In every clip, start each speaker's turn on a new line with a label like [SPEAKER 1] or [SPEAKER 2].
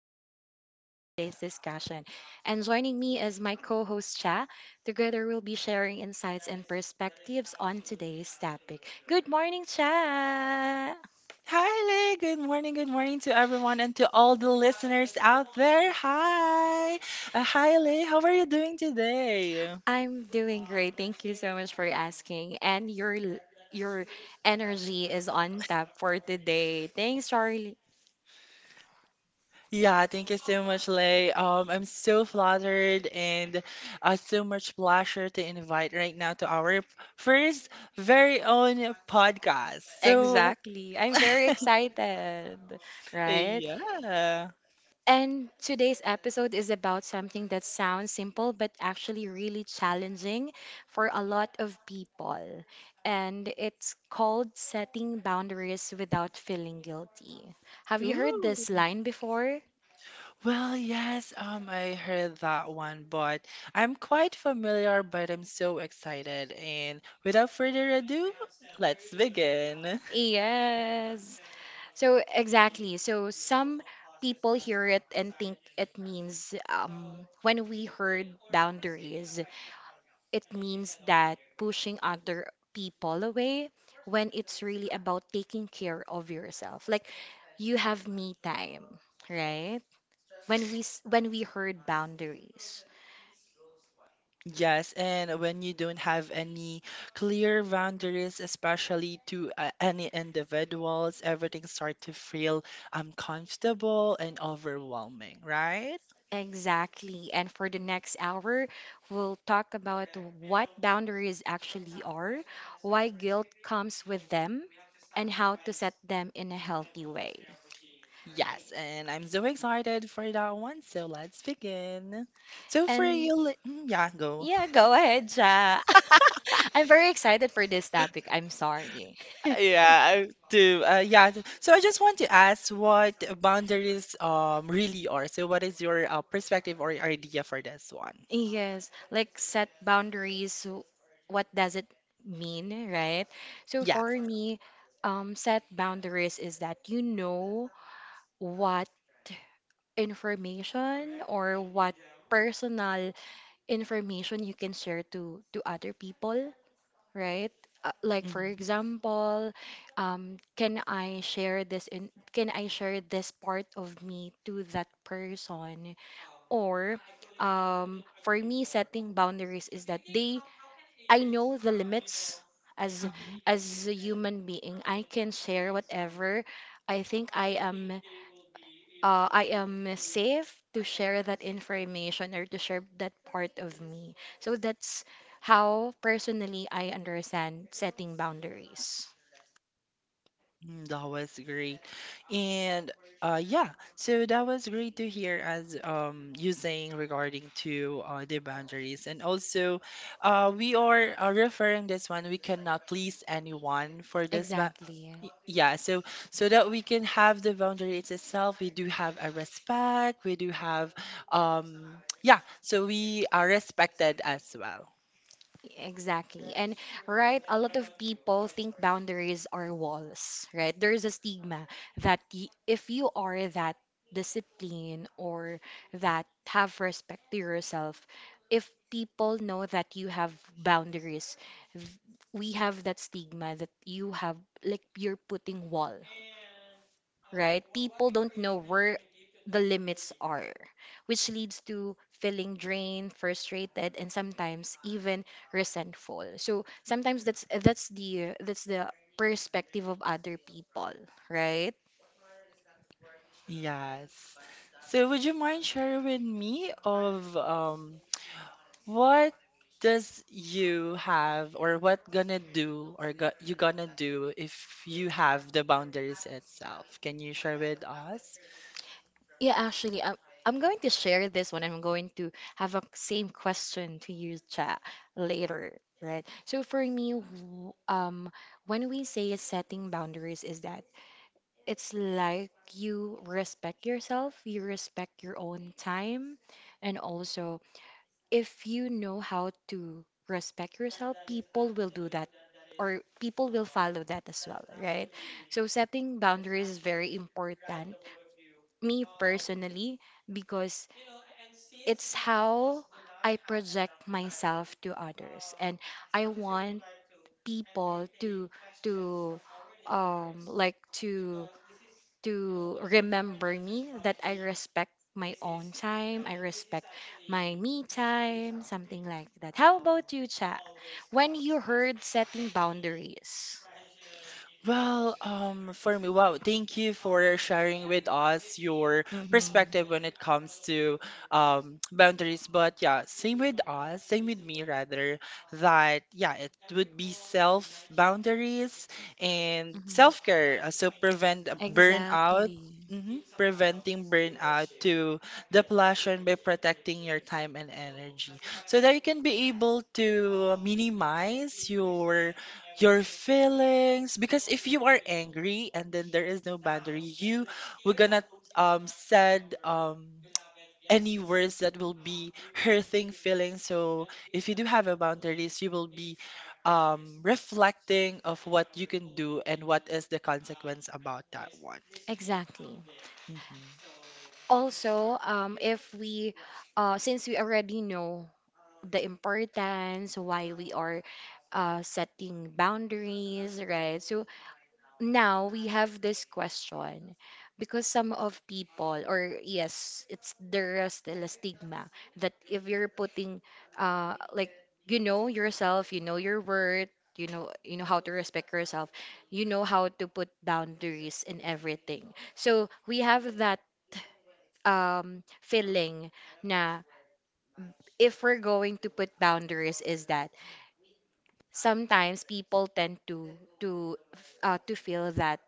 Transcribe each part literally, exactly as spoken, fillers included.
[SPEAKER 1] I'm your host for today's discussion. And joining me is my co host, Cha. Together, we'll be sharing insights and perspectives on today's topic. Good morning, Cha.
[SPEAKER 2] Hi, Lay. Good morning. Good morning to everyone and to all the listeners out there. Hi. Uh, hi, Lay. How are you doing today?
[SPEAKER 1] I'm doing great. Thank you so much for asking. And your your energy is on tap for today. Thanks, Charlie.
[SPEAKER 2] Yeah, thank you so much, Lay. Um, I'm so flattered and uh, so much pleasure to invite right now to our first very own podcast. So,
[SPEAKER 1] Exactly. I'm very excited, right?
[SPEAKER 2] yeah.
[SPEAKER 1] And today's episode is about something that sounds simple but actually really challenging for a lot of people. And it's called setting boundaries without feeling guilty. Have you heard
[SPEAKER 2] Ooh.
[SPEAKER 1] this line before?
[SPEAKER 2] Well, yes, um, I heard that one, but I'm quite familiar, but I'm so excited. And without further ado, let's begin.
[SPEAKER 1] Yes. So, exactly. So, some people hear it and think it means um, when we heard boundaries, it means that pushing other people away when it's really about taking care of yourself. Like you have me time, right? When we s- when we heard boundaries.
[SPEAKER 2] Yes, and when you don't have any clear boundaries, especially to uh, any individuals, everything starts to feel uncomfortable and overwhelming, right?
[SPEAKER 1] Exactly. And for the next hour, we'll talk about what boundaries actually are, why guilt comes with them, and how to set them in a healthy way.
[SPEAKER 2] Yes, and I'm so excited for that one, so let's begin. So for
[SPEAKER 1] And
[SPEAKER 2] you, li- mm, yeah, go.
[SPEAKER 1] yeah, go ahead, Ja. I'm very excited for this topic. I'm sorry.
[SPEAKER 2] Yeah, to uh, yeah. So I just want to ask what boundaries um really are. So what is your uh, perspective or idea for this one?
[SPEAKER 1] Yes, like set boundaries. So what does it mean, right? So
[SPEAKER 2] Yes.
[SPEAKER 1] for me, um, set boundaries is that you know what information or what personal information you can share to to other people, right? Uh, like for
[SPEAKER 2] Hmm.
[SPEAKER 1] example, um, can I share this in, can I share this part of me to that person? Or um, for me setting boundaries is that they I know the limits as as a human being. I can share whatever I think i am uh, i am safe to share that information or to share that part of me. So that's how personally I understand setting boundaries.
[SPEAKER 2] Mm, That was great. And uh yeah, so that was great to hear as um you saying regarding to uh the boundaries and also uh we are uh, referring this one we cannot please anyone for this, but
[SPEAKER 1] exactly
[SPEAKER 2] yeah. So so that we can have the boundaries itself, we do have a respect, we do have um yeah, so we are respected as well.
[SPEAKER 1] Exactly. And right, a lot of people think boundaries are walls, right? There's a stigma that, y if you are that disciplined or that have respect to yourself, if people know that you have boundaries, th- we have that stigma that you have like you're putting wall, right? People don't know where the limits are, which leads to feeling drained, frustrated, and sometimes even resentful. So sometimes that's that's the that's the perspective of other people, right?
[SPEAKER 2] Yes. So would you mind sharing with me of um what does you have or what gonna do or go, you gonna do if you have the boundaries itself? Can you share with us?
[SPEAKER 1] Yeah, actually, I'm, I'm going to share this one. I'm going to have a same question to you, Cha, later, right? So for me, w- um, when we say setting boundaries, is that It's like you respect yourself, you respect your own time, and also if you know how to respect yourself, people will do that or people will follow that as well, right? So setting boundaries is very important, me personally, because it's how I project myself to others, and I want people to to um like to to remember me that I respect my own time, I respect my me time, something like that. How about you, Cha? When you heard setting boundaries?
[SPEAKER 2] Well, um, for me, wow, thank you for sharing with us your
[SPEAKER 1] Mm-hmm.
[SPEAKER 2] perspective when it comes to um, boundaries. But yeah, same with us, same with me rather, that yeah, it would be self boundaries and
[SPEAKER 1] Mm-hmm.
[SPEAKER 2] self-care, uh, so prevent a burnout.
[SPEAKER 1] Exactly.
[SPEAKER 2] Hmm preventing burnout to depletion by protecting your time and energy so that you can be able to minimize your your feelings, because if you are angry and then there is no boundary, you were gonna um said um any words that will be hurting feelings. So if you do have a boundaries, you will be um reflecting of what you can do and what is the consequence about that one.
[SPEAKER 1] Exactly.
[SPEAKER 2] Mhm.
[SPEAKER 1] Also, um, if we, uh, since we already know the importance, why we are uh, setting boundaries, right? So now we have this question, because some of people, or yes, it's there is still a stigma that if you're putting, uh like you know yourself, you know your worth, you know you know how to respect yourself, you know how to put boundaries in everything. So we have that um feeling na if we're going to put boundaries, is that sometimes people tend to to f- uh, to feel that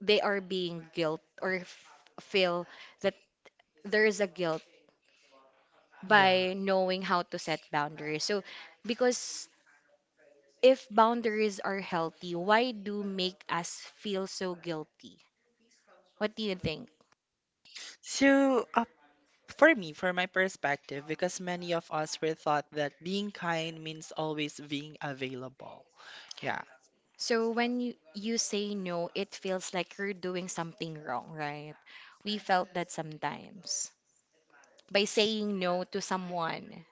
[SPEAKER 1] they are being guilt, or f- feel that there is a guilt
[SPEAKER 2] Yeah,
[SPEAKER 1] by knowing how to set boundaries. So, because if boundaries are healthy, why do make us feel so guilty? What do you think?
[SPEAKER 2] so uh, for me for my perspective, because many of us were thought that being kind means always being available. Yeah.
[SPEAKER 1] So when you, you say no, it feels like you're doing something wrong, right? We felt that sometimes by saying no to someone.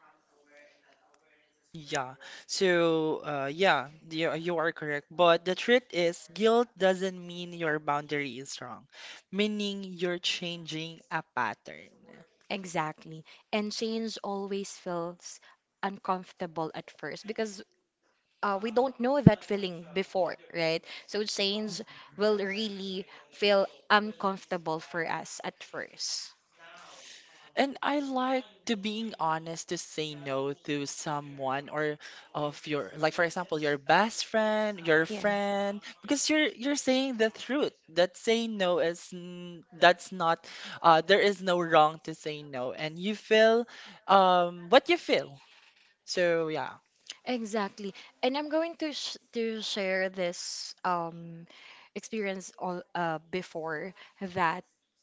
[SPEAKER 2] Yeah. So, uh, yeah, you, you are correct. But the truth is, guilt doesn't mean your boundary is wrong, meaning you're changing a pattern.
[SPEAKER 1] Exactly. And change always feels uncomfortable at first, because uh, we don't know that feeling before, right? So chains will really feel uncomfortable for us at first.
[SPEAKER 2] And I like to being honest to say no to someone or of your, like for example, your best friend, your
[SPEAKER 1] Yeah.
[SPEAKER 2] friend, because you're you're saying the truth. That saying no is n- that's not, uh, there is no wrong to say no, and you feel, um, what you feel. So yeah.
[SPEAKER 1] Exactly. And I'm going to sh to share this um experience all uh before that.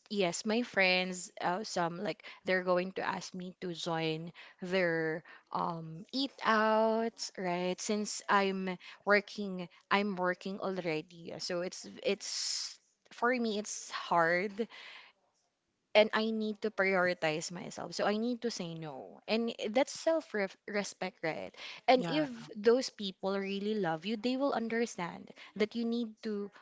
[SPEAKER 1] Yes, my friends, uh, some like they're going to ask me to join their um eat outs, right? Since I'm working I'm working already. So it's it's for me it's hard and I need to prioritize myself. So I need to say no. And that's self respect, right? And
[SPEAKER 2] Yeah.
[SPEAKER 1] if those people really love you, they will understand that you need to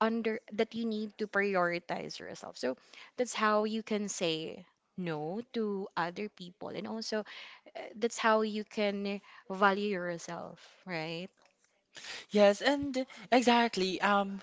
[SPEAKER 1] under that you need to prioritize yourself. So that's how you can say no to other people, and also uh, that's how you can value yourself, right?
[SPEAKER 2] Yes, and exactly. Um,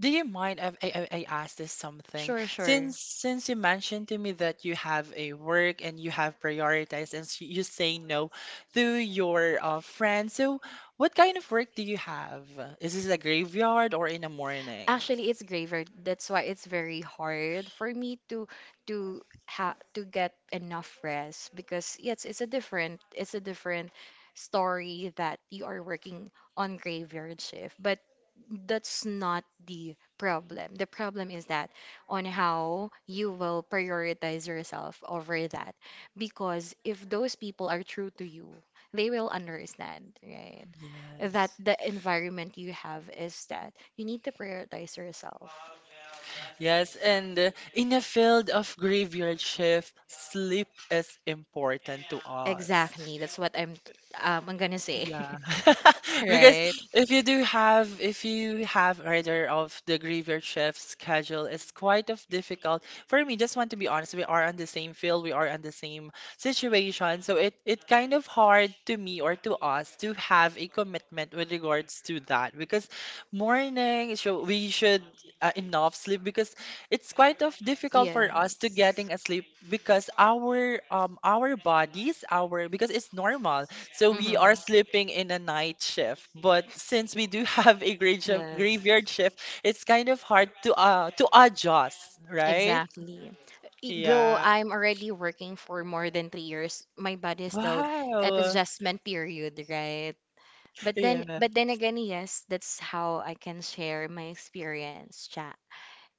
[SPEAKER 2] Do you mind if I, I, I ask this something?
[SPEAKER 1] Sure, sure.
[SPEAKER 2] Since since you mentioned to me that you have a work and you have prioritized and s- you say no to your uh, friends, so what kind of work do you have? Is this a graveyard or in the morning?
[SPEAKER 1] Actually, it's graver. That's why it's very hard for me to to ha to get enough rest, because yes, it's a different it's a different story that you are working on graveyard shift, but that's not the problem. The problem is that on how you will prioritize yourself over that, because if those people are true to you, they will understand, right? That
[SPEAKER 2] Yes.
[SPEAKER 1] the environment you have is that you need to prioritize yourself.
[SPEAKER 2] Yes, and uh, in a field of graveyard shift, sleep is important to us.
[SPEAKER 1] Exactly. That's what I'm um, I'm gonna say.
[SPEAKER 2] Yeah. Because
[SPEAKER 1] Right?
[SPEAKER 2] if you do have if you have rather of the graveyard shift schedule, it's quite of difficult. For me, just want to be honest, we are on the same field, we are on the same situation. So it it kind of hard to me or to us to have a commitment with regards to that, because morning, so we should uh, enough sleep, because it's quite of difficult for us to
[SPEAKER 1] Yes.
[SPEAKER 2] getting asleep because our um our bodies, our, because it's normal, so we are
[SPEAKER 1] Mm-hmm.
[SPEAKER 2] sleeping in a night shift, but since we do have a grade shift,
[SPEAKER 1] Yes.
[SPEAKER 2] graveyard shift, it's kind of hard to uh to adjust, right?
[SPEAKER 1] Exactly. E- Though
[SPEAKER 2] Yeah.
[SPEAKER 1] I'm already working for more than three years, my body is still at
[SPEAKER 2] Wow.
[SPEAKER 1] adjustment period, right? But then,
[SPEAKER 2] Yeah.
[SPEAKER 1] but then again, yes, that's how I can share my experience.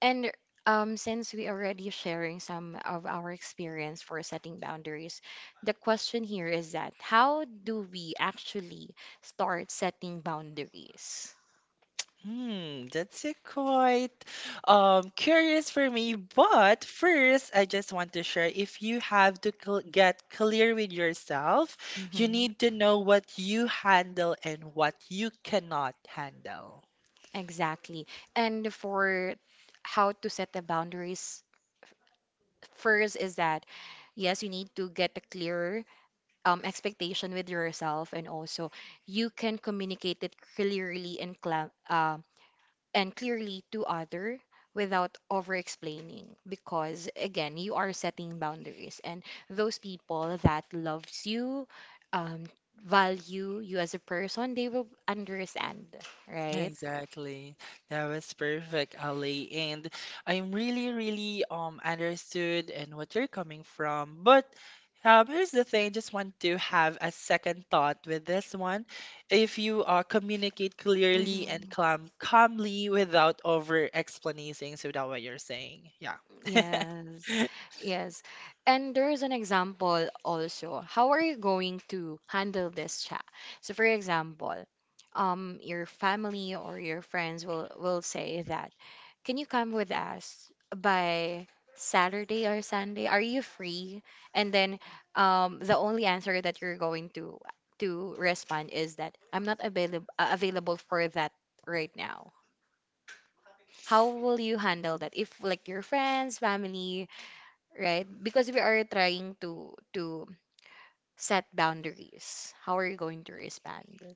[SPEAKER 1] And um, since we already sharing some of our experience for setting boundaries, the question here is that how do we actually start setting boundaries?
[SPEAKER 2] Hmm, that's a quite um curious for me. But first, I just want to share, if you have to cl get clear with yourself, you
[SPEAKER 1] Hmm.
[SPEAKER 2] need to know what you handle and what you cannot handle.
[SPEAKER 1] Exactly. And for how to set the boundaries, first is that yes, you need to get a clear um, expectation with yourself, and also you can communicate it clearly and cla- uh, and clearly to other without over explaining, because again, you are setting boundaries, and those people that loves you um value you as a person. They will understand, right?
[SPEAKER 2] Exactly. That was perfect, Ali. And I'm really, really um understood and what you're coming from. But um, here's the thing, just want to have a second thought with this one. If you uh, communicate clearly
[SPEAKER 1] Hmm.
[SPEAKER 2] and calm calmly without over explanating, so that what you're saying. Yeah.
[SPEAKER 1] Yes, yes. And there's an example also. How are you going to handle this chat? So for example, um, your family or your friends will will say that, "Can you come with us by Saturday or Sunday? Are you free?" And then um, the only answer that you're going to to respond is that, "I'm not available uh, available for that right now." How will you handle that if like your friends, family, right? Because we are trying to to set boundaries. How are you going to respond?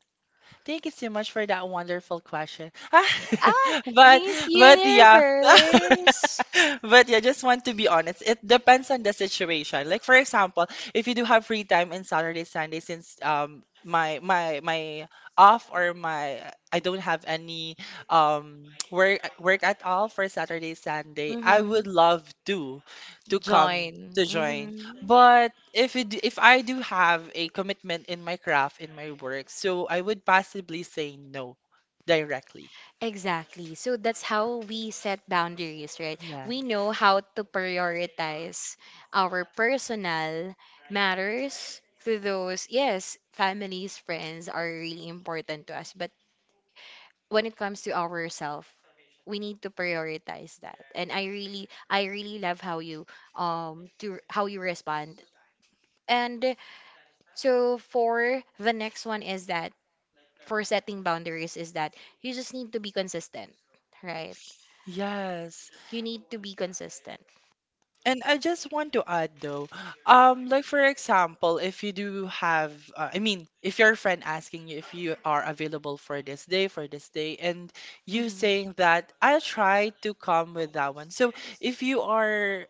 [SPEAKER 2] Thank you so much for that wonderful question.
[SPEAKER 1] Ah,
[SPEAKER 2] But
[SPEAKER 1] Miss
[SPEAKER 2] but yeah.
[SPEAKER 1] Universe.
[SPEAKER 2] But yeah, just want to be honest. It depends on the situation. Like for example, if you do have free time in Saturday, Sunday, since um my my my off or my I don't have any um work work at all for Saturday, Sunday, I
[SPEAKER 1] Mm-hmm.
[SPEAKER 2] would love to to come
[SPEAKER 1] Join.
[SPEAKER 2] to join.
[SPEAKER 1] Mm-hmm.
[SPEAKER 2] But if it, if I do have a commitment in my craft, in my work, so I would possibly say no directly.
[SPEAKER 1] Exactly. So that's how we set boundaries, right?
[SPEAKER 2] Yeah.
[SPEAKER 1] We know how to prioritize our personal matters to those. Yes, families, friends are really important to us, but when it comes to ourselves, we need to prioritize that. And I really I really love how you um to how you respond. And so for the next one is that for setting boundaries is that you just need to be consistent, right?
[SPEAKER 2] Yes.
[SPEAKER 1] You need to be consistent.
[SPEAKER 2] And I just want to add though, um, like for example, if you do have, uh, I mean, if your friend asking you if you are available for this day, for this day, and you
[SPEAKER 1] Hmm.
[SPEAKER 2] saying that I'll try to come with that one. So if you are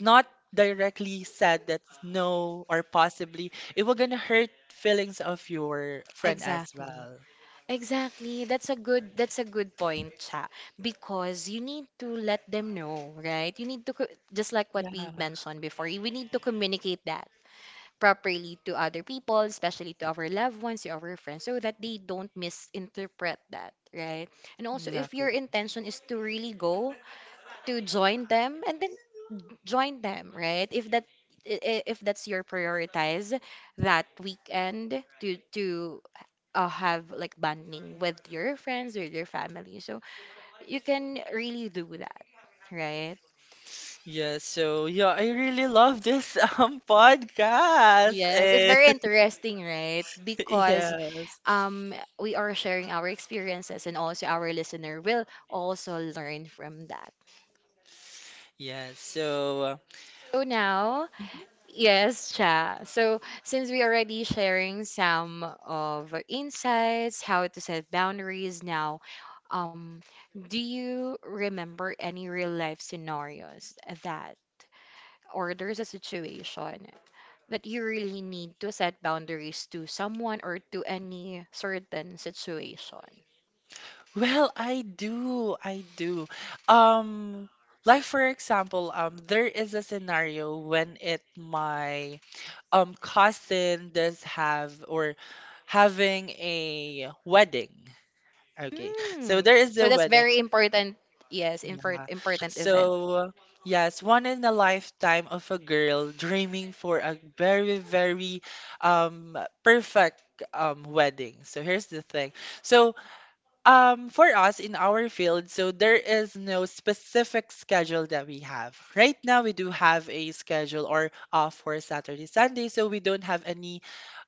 [SPEAKER 2] not directly said that no, or possibly it will gonna hurt feelings of your friend as
[SPEAKER 1] Exactly.
[SPEAKER 2] well.
[SPEAKER 1] Exactly. That's a good that's a good point, Cha, because you need to let them know, right? You need to co- just like what we
[SPEAKER 2] Yeah,
[SPEAKER 1] mentioned before, we need to communicate that properly to other people, especially to our loved ones, to our friends, so that they don't misinterpret that, right? And also, if your
[SPEAKER 2] exactly.
[SPEAKER 1] intention is to really go to join them, and then join them, right? If that i- i- if that's your prioritize that weekend to to uh, have like bonding with your friends or your family, so you can really do that, right?
[SPEAKER 2] Yeah, so yeah, I really love this um podcast.
[SPEAKER 1] Yes, it's
[SPEAKER 2] And
[SPEAKER 1] very interesting, right? Because
[SPEAKER 2] yes.
[SPEAKER 1] um, we are sharing our experiences, and also our listener will also learn from that.
[SPEAKER 2] Yes. So, uh,
[SPEAKER 1] So now,
[SPEAKER 2] mhm.
[SPEAKER 1] yes, Cha. So since we already sharing some of our insights, how to set boundaries now, um, do you remember any real life scenarios that, or there's a situation that you really need to set boundaries to someone or to any certain situation?
[SPEAKER 2] Well, I do. I do. Um like for example, um there is a scenario when it my um cousin does have or having a wedding. Okay. So
[SPEAKER 1] Hmm.
[SPEAKER 2] there is a
[SPEAKER 1] So that's
[SPEAKER 2] wedding.
[SPEAKER 1] very important. Yes, infor-
[SPEAKER 2] Yeah.
[SPEAKER 1] important event.
[SPEAKER 2] So yes, one in a lifetime of a girl dreaming for a very, very um perfect um wedding. So here's the thing. So um, for us in our field, so there is no specific schedule that we have. Right now, we do have a schedule or off for Saturday, Sunday, so we don't have any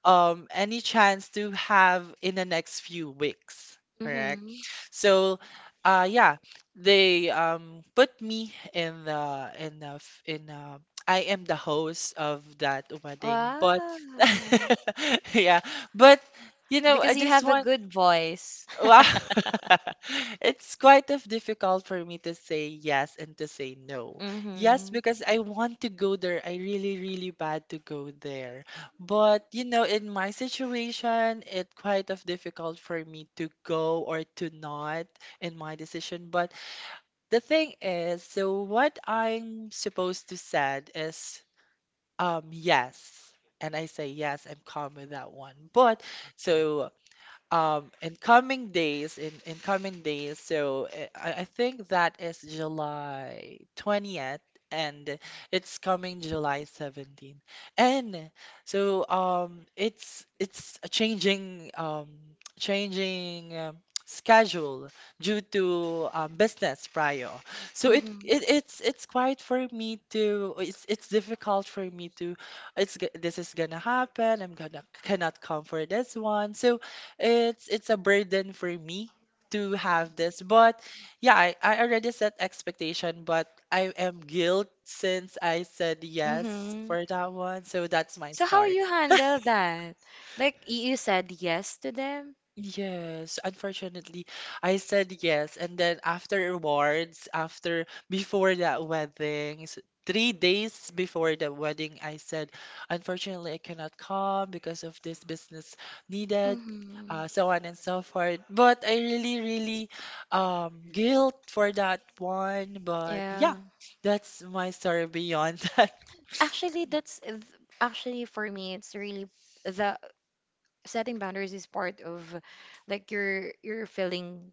[SPEAKER 2] um any chance to have in the next few weeks. Correct.
[SPEAKER 1] Mm-hmm.
[SPEAKER 2] So, uh, yeah, they um put me in the in the f- in uh I am the host of that wedding, but
[SPEAKER 1] Wow.
[SPEAKER 2] yeah, but you know, I
[SPEAKER 1] Because you
[SPEAKER 2] just
[SPEAKER 1] have a
[SPEAKER 2] want.
[SPEAKER 1] good voice.
[SPEAKER 2] Wow. It's quite of difficult for me to say yes and to say no. Yes,
[SPEAKER 1] Mm-hmm.
[SPEAKER 2] because I want to go there. I really, really bad to go there. But you know, in my situation, it quite of difficult for me to go or to not in my decision. But the thing is, so what I'm supposed to said is um yes. And I say yes, I'm calm with that one. But so um, in coming days, in, in coming days, so uh, I, I think that is July twentieth and it's coming July seventeenth. And so um it's it's a changing um changing um, schedule due to um, business prior. So it, it
[SPEAKER 1] Mm-hmm.
[SPEAKER 2] it's it's quite for me to it's it's difficult for me to it's g- this is gonna happen. I'm gonna cannot come for this one. So it's it's a burden for me to have this. But yeah, I, I already set expectation, but I am guilt since I said yes
[SPEAKER 1] Mm-hmm.
[SPEAKER 2] for that one. So that's my
[SPEAKER 1] So how
[SPEAKER 2] story.
[SPEAKER 1] you handle that? Like Like you said yes to them.
[SPEAKER 2] Yes, unfortunately, I said yes. And then afterwards, after before that wedding, s- three days before the wedding, I said, unfortunately, I cannot come because of this business needed,
[SPEAKER 1] Mm-hmm.
[SPEAKER 2] uh, so on and so forth. But I really, really, um, guilt for that one. But yeah,
[SPEAKER 1] Yeah.
[SPEAKER 2] that's my story beyond that.
[SPEAKER 1] Actually, that's th- actually for me, it's really the setting boundaries is part of like your your feeling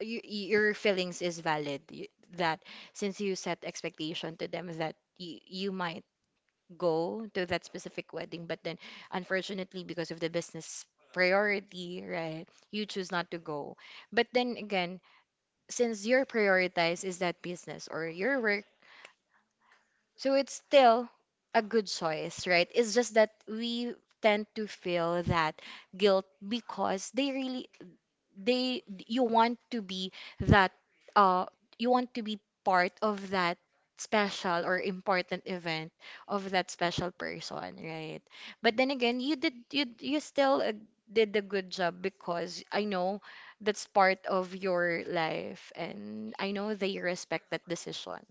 [SPEAKER 1] you, your feelings is valid, y- that since you set expectation to them that you, you might go to that specific wedding, but then unfortunately because of the business priority, right, you choose not to go. But then again, since your prioritize is that business or your work, so it's still a good choice, right? It's just that we tend to feel that guilt because they really they you want to be that uh you want to be part of that special or important event of that special person, right? But then again, you did you you still uh, did a good job, because I know that's part of your life and I know they respect that decision.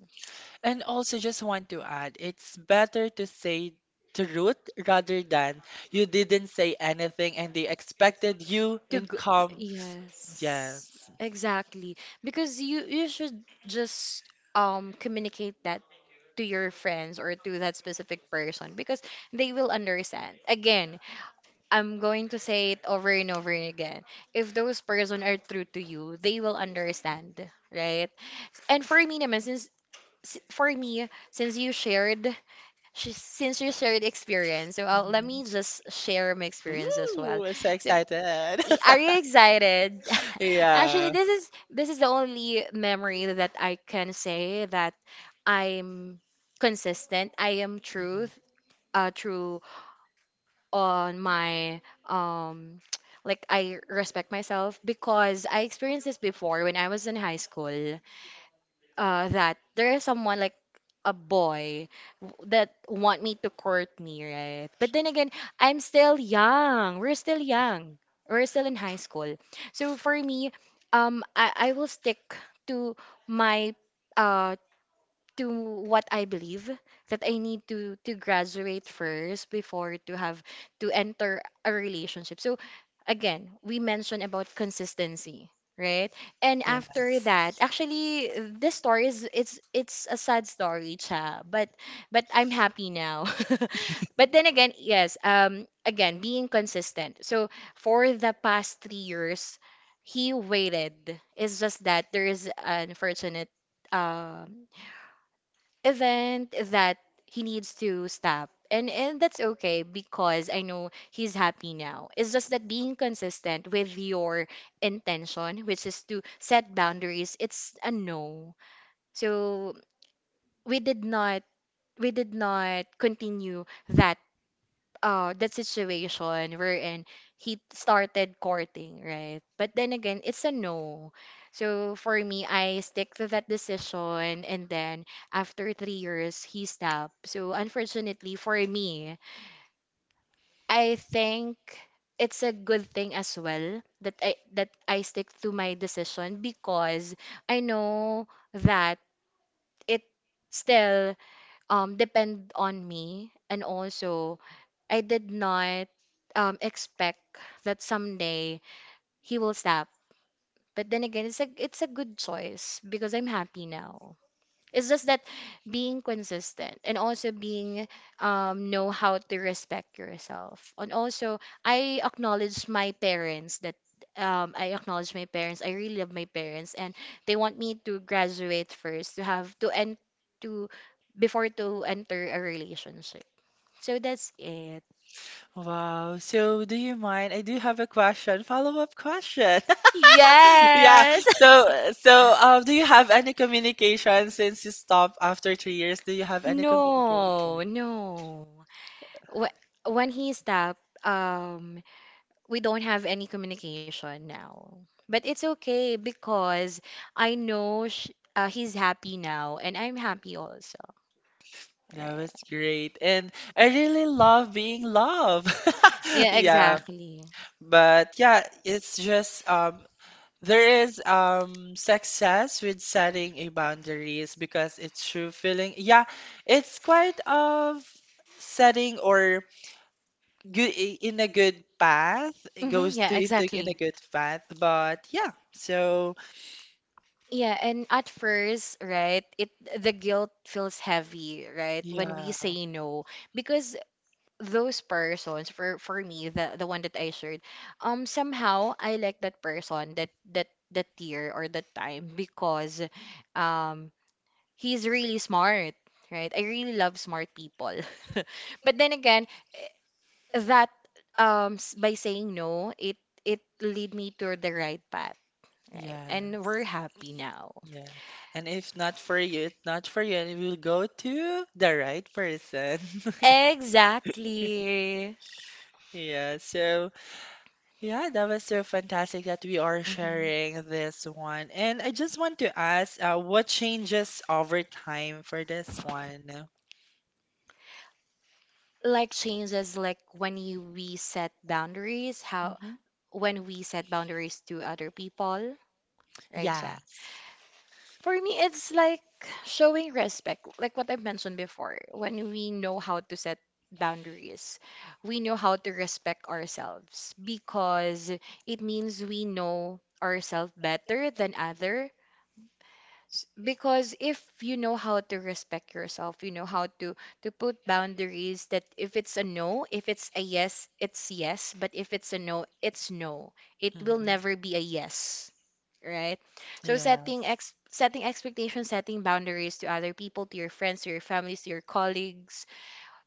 [SPEAKER 2] And also, just want to add, it's better to say truth rather than you didn't say anything and they expected you
[SPEAKER 1] To
[SPEAKER 2] in
[SPEAKER 1] go, y-
[SPEAKER 2] calm.
[SPEAKER 1] yes,
[SPEAKER 2] Yes.
[SPEAKER 1] exactly. Because you you should just um communicate that to your friends or to that specific person because they will understand. Again, I'm going to say it over and over again. If those person are true to you, they will understand, right? And for me naman, since s- for me, since you shared sh- since you shared experience, so I'll, let
[SPEAKER 2] Mhm.
[SPEAKER 1] me just share my experience as well.
[SPEAKER 2] Ooh, I'm so
[SPEAKER 1] So
[SPEAKER 2] excited.
[SPEAKER 1] Y- Are you excited? Actually,
[SPEAKER 2] Yeah.
[SPEAKER 1] this is this is the only memory that I can say that I'm consistent. I am
[SPEAKER 2] Mhm.
[SPEAKER 1] truth, uh, true on my um, like I respect myself because I experienced this before when I was in high school uh, that there is someone like a boy w- that want me to court me, right? But then again, I'm still young. We're still young. We're still in high school. So for me, um, I, I will stick to my uh to what I believe that I need to to graduate first before to have to enter a relationship. So again, we mentioned about consistency, right? And after
[SPEAKER 2] Yes.
[SPEAKER 1] that, actually this story is it's it's a sad story, cha, but but I'm happy now. But then again, yes, um again, being consistent. So for the past three years, he waited. It's just that there is unfortunate um event that he needs to stop. And and that's okay because I know he's happy now. It's just that being consistent with your intention, which is to set boundaries, it's a no. So we did not we did not continue that uh that situation wherein he started courting, right? But then again, it's a no. So for me, I stick to that decision and then after three years he stopped. So unfortunately for me, I think it's a good thing as well that I that I stick to my decision because I know that it still um, depend on me. And also, I did not um, expect that someday he will stop. But then again, it's a it's a good choice because I'm happy now. It's just that being consistent and also being um know how to respect yourself. And also I acknowledge my parents that um I acknowledge my parents. I really love my parents and they want me to graduate first to have to end to before to enter a relationship. So that's it.
[SPEAKER 2] Wow. So, do you mind? I do have a question, follow-up question. Yeah.
[SPEAKER 1] Yes.
[SPEAKER 2] So, so, um, do you have any communication since you stopped after three years? Do you have any communication?
[SPEAKER 1] No, no. Wh- When he stopped, um, we don't have any communication now. But it's okay because I know sh uh, he's happy now and I'm happy also.
[SPEAKER 2] That was
[SPEAKER 1] Yeah,
[SPEAKER 2] great. And I really love being loved.
[SPEAKER 1] yeah,
[SPEAKER 2] Yeah.
[SPEAKER 1] exactly.
[SPEAKER 2] But yeah, it's just um there is um success with setting a boundaries because it's true feeling. Yeah, it's quite of setting or good in a good path. It
[SPEAKER 1] Hmm,
[SPEAKER 2] goes to
[SPEAKER 1] yeah,
[SPEAKER 2] into in a
[SPEAKER 1] exactly.
[SPEAKER 2] good path. But yeah, so
[SPEAKER 1] Yeah, and at first, right, it the guilt feels heavy, right, when
[SPEAKER 2] yeah,
[SPEAKER 1] we say no because those persons for for me the the one that I shared, um somehow I like that person that that that year or that time because um he's really smart, right? I really love smart people. But then again, eh, that um s- by saying no, it it lead me to the right path, right? And we're
[SPEAKER 2] yes.
[SPEAKER 1] happy now.
[SPEAKER 2] Yeah. And if not for you, it's not for you, and it will go to the right person.
[SPEAKER 1] Exactly.
[SPEAKER 2] Yeah, so yeah, that was so fantastic that we are
[SPEAKER 1] Mhm.
[SPEAKER 2] sharing this one. And I just want to ask, uh, what changes over time for this one?
[SPEAKER 1] Like changes like when you we set boundaries, how
[SPEAKER 2] Hmm.
[SPEAKER 1] when we set boundaries to other people, right?
[SPEAKER 2] Yes.
[SPEAKER 1] For me, it's like showing respect, like what I mentioned before. When we know how to set boundaries, we know how to respect ourselves because it means we know ourselves better than other S- Because if you know how to respect yourself, you know how to to put boundaries that if it's a no, if it's a yes, it's yes, but if it's a no, it's no. It will
[SPEAKER 2] Hmm.
[SPEAKER 1] never be a yes, right? So setting
[SPEAKER 2] Yes.
[SPEAKER 1] ex setting expectations, setting boundaries to other people, to your friends, to your families, to your colleagues,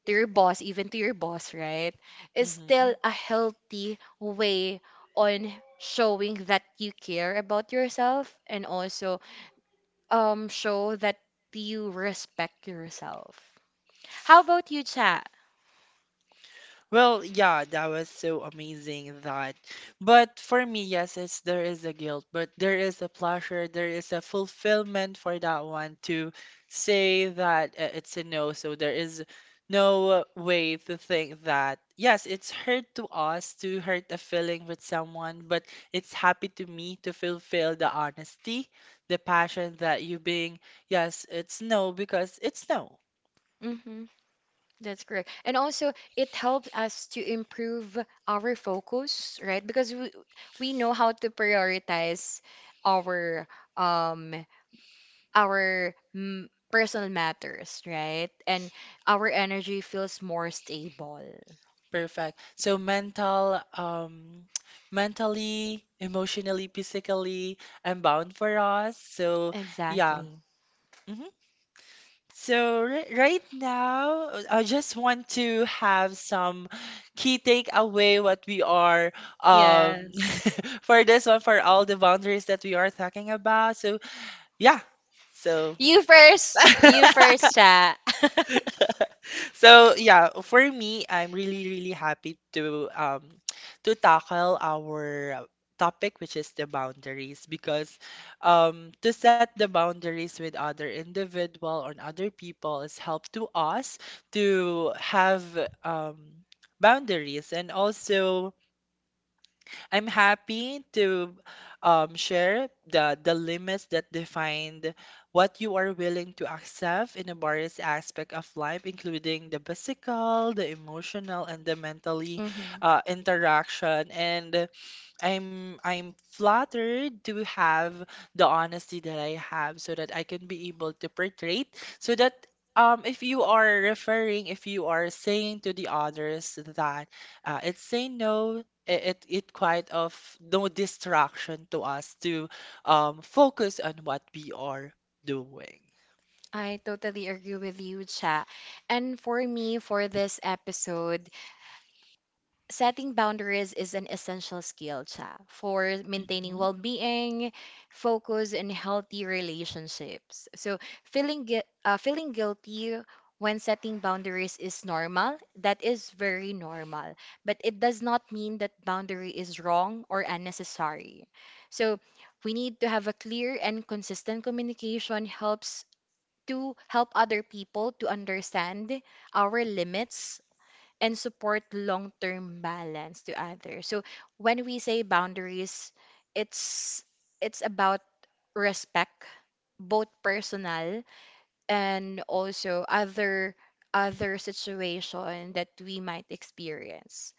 [SPEAKER 1] to your boss, even to your boss, right? Is
[SPEAKER 2] Hmm.
[SPEAKER 1] still a healthy way on showing that you care about yourself and also um show that you respect yourself. How about you, chat?
[SPEAKER 2] Well, yeah, that was so amazing that. But for me, yes, it's there is a guilt, but there is a pleasure, there is a fulfillment for that one to say that uh, it's a no. So there is no way to think that yes, it's hurt to us to hurt a feeling with someone, but it's happy to me to fulfill the honesty, the passion that you being yes, it's no because it's no.
[SPEAKER 1] Mm-hmm, that's correct. And also, it helps us to improve our focus, right? Because we we know how to prioritize our um our mm, personal matters, right? And our energy feels more stable.
[SPEAKER 2] Perfect. So mental, um, mentally, emotionally, physically, I'm bound for us. So yeah.
[SPEAKER 1] Exactly.
[SPEAKER 2] hmm So ri right now, uh, I just want to have some key takeaway what we are um
[SPEAKER 1] Yes.
[SPEAKER 2] for this one for all the boundaries that we are talking about. So yeah. So
[SPEAKER 1] You first. You first, chat.
[SPEAKER 2] So yeah, for me, I'm really really happy to um to tackle our topic, which is the boundaries, because um to set the boundaries with other individual or other people is help to us to have um boundaries, and also I'm happy to um, share the the limits that defined what you are willing to accept in a various aspect of life, including the physical, the emotional, and the mentally
[SPEAKER 1] Hmm.
[SPEAKER 2] uh, interaction. And I'm I'm flattered to have the honesty that I have so that I can be able to portray it, so that um if you are referring if you are saying to the others that uh, it's say no, i- it it quite of no distraction to us to um focus on what we are doing.
[SPEAKER 1] I totally agree with you, Cha. And for me, for this episode, setting boundaries is an essential skill, Cha, for maintaining well being, focus, and healthy relationships. So, feeling, gui- uh, feeling guilty when setting boundaries is normal. That is very normal. But it does not mean that boundary is wrong or unnecessary. So, we need to have a clear and consistent communication helps to help other people to understand our limits and support long term balance to others. So when we say boundaries, it's it's about respect, both personal and also other other situation that we might experience.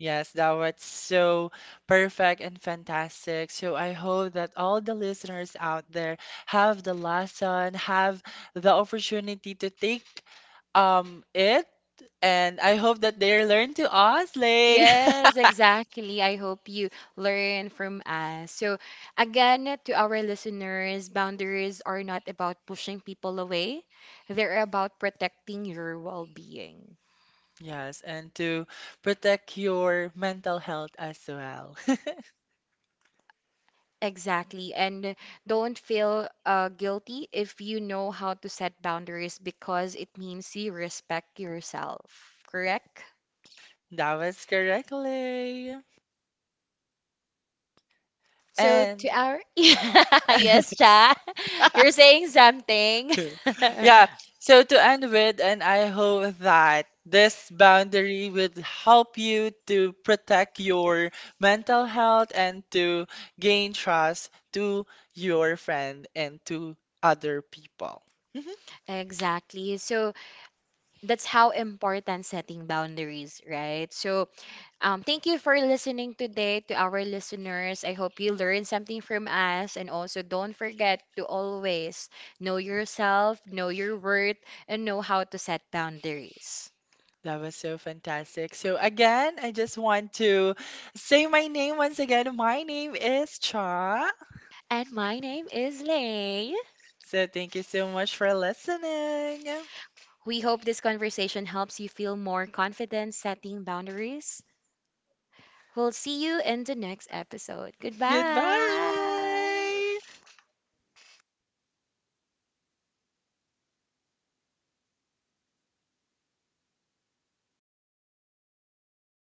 [SPEAKER 2] Yes, that was so perfect and fantastic. So I hope that all the listeners out there have the lesson, have the opportunity to take um it, and I hope that they learn to us, like.
[SPEAKER 1] Yes, exactly. I hope you learn from us. So, again, to our listeners, boundaries are not about pushing people away, they're about protecting your well being.
[SPEAKER 2] Yes, and to protect your mental health as well.
[SPEAKER 1] Exactly. And don't feel uh, guilty if you know how to set boundaries because it means you respect yourself, correct?
[SPEAKER 2] That was correctly.
[SPEAKER 1] So,
[SPEAKER 2] And
[SPEAKER 1] to our. Yes, Cha. You're saying something.
[SPEAKER 2] yeah, so to end with, and I hope that this boundary would help you to protect your mental health and to gain trust to your friend and to other people. Mhm.
[SPEAKER 1] Exactly. So, that's how important setting boundaries, right? So, um, thank you for listening today to our listeners. I hope you learned something from us. And also, don't forget to always know yourself, know your worth, and know how to set boundaries.
[SPEAKER 2] That was so fantastic. So again, I just want to say my name once again. My name is Cha.
[SPEAKER 1] And my name is Lay.
[SPEAKER 2] So thank you so much for listening.
[SPEAKER 1] We hope this conversation helps you feel more confident setting boundaries. We'll see you in the next episode. Goodbye.
[SPEAKER 2] Goodbye.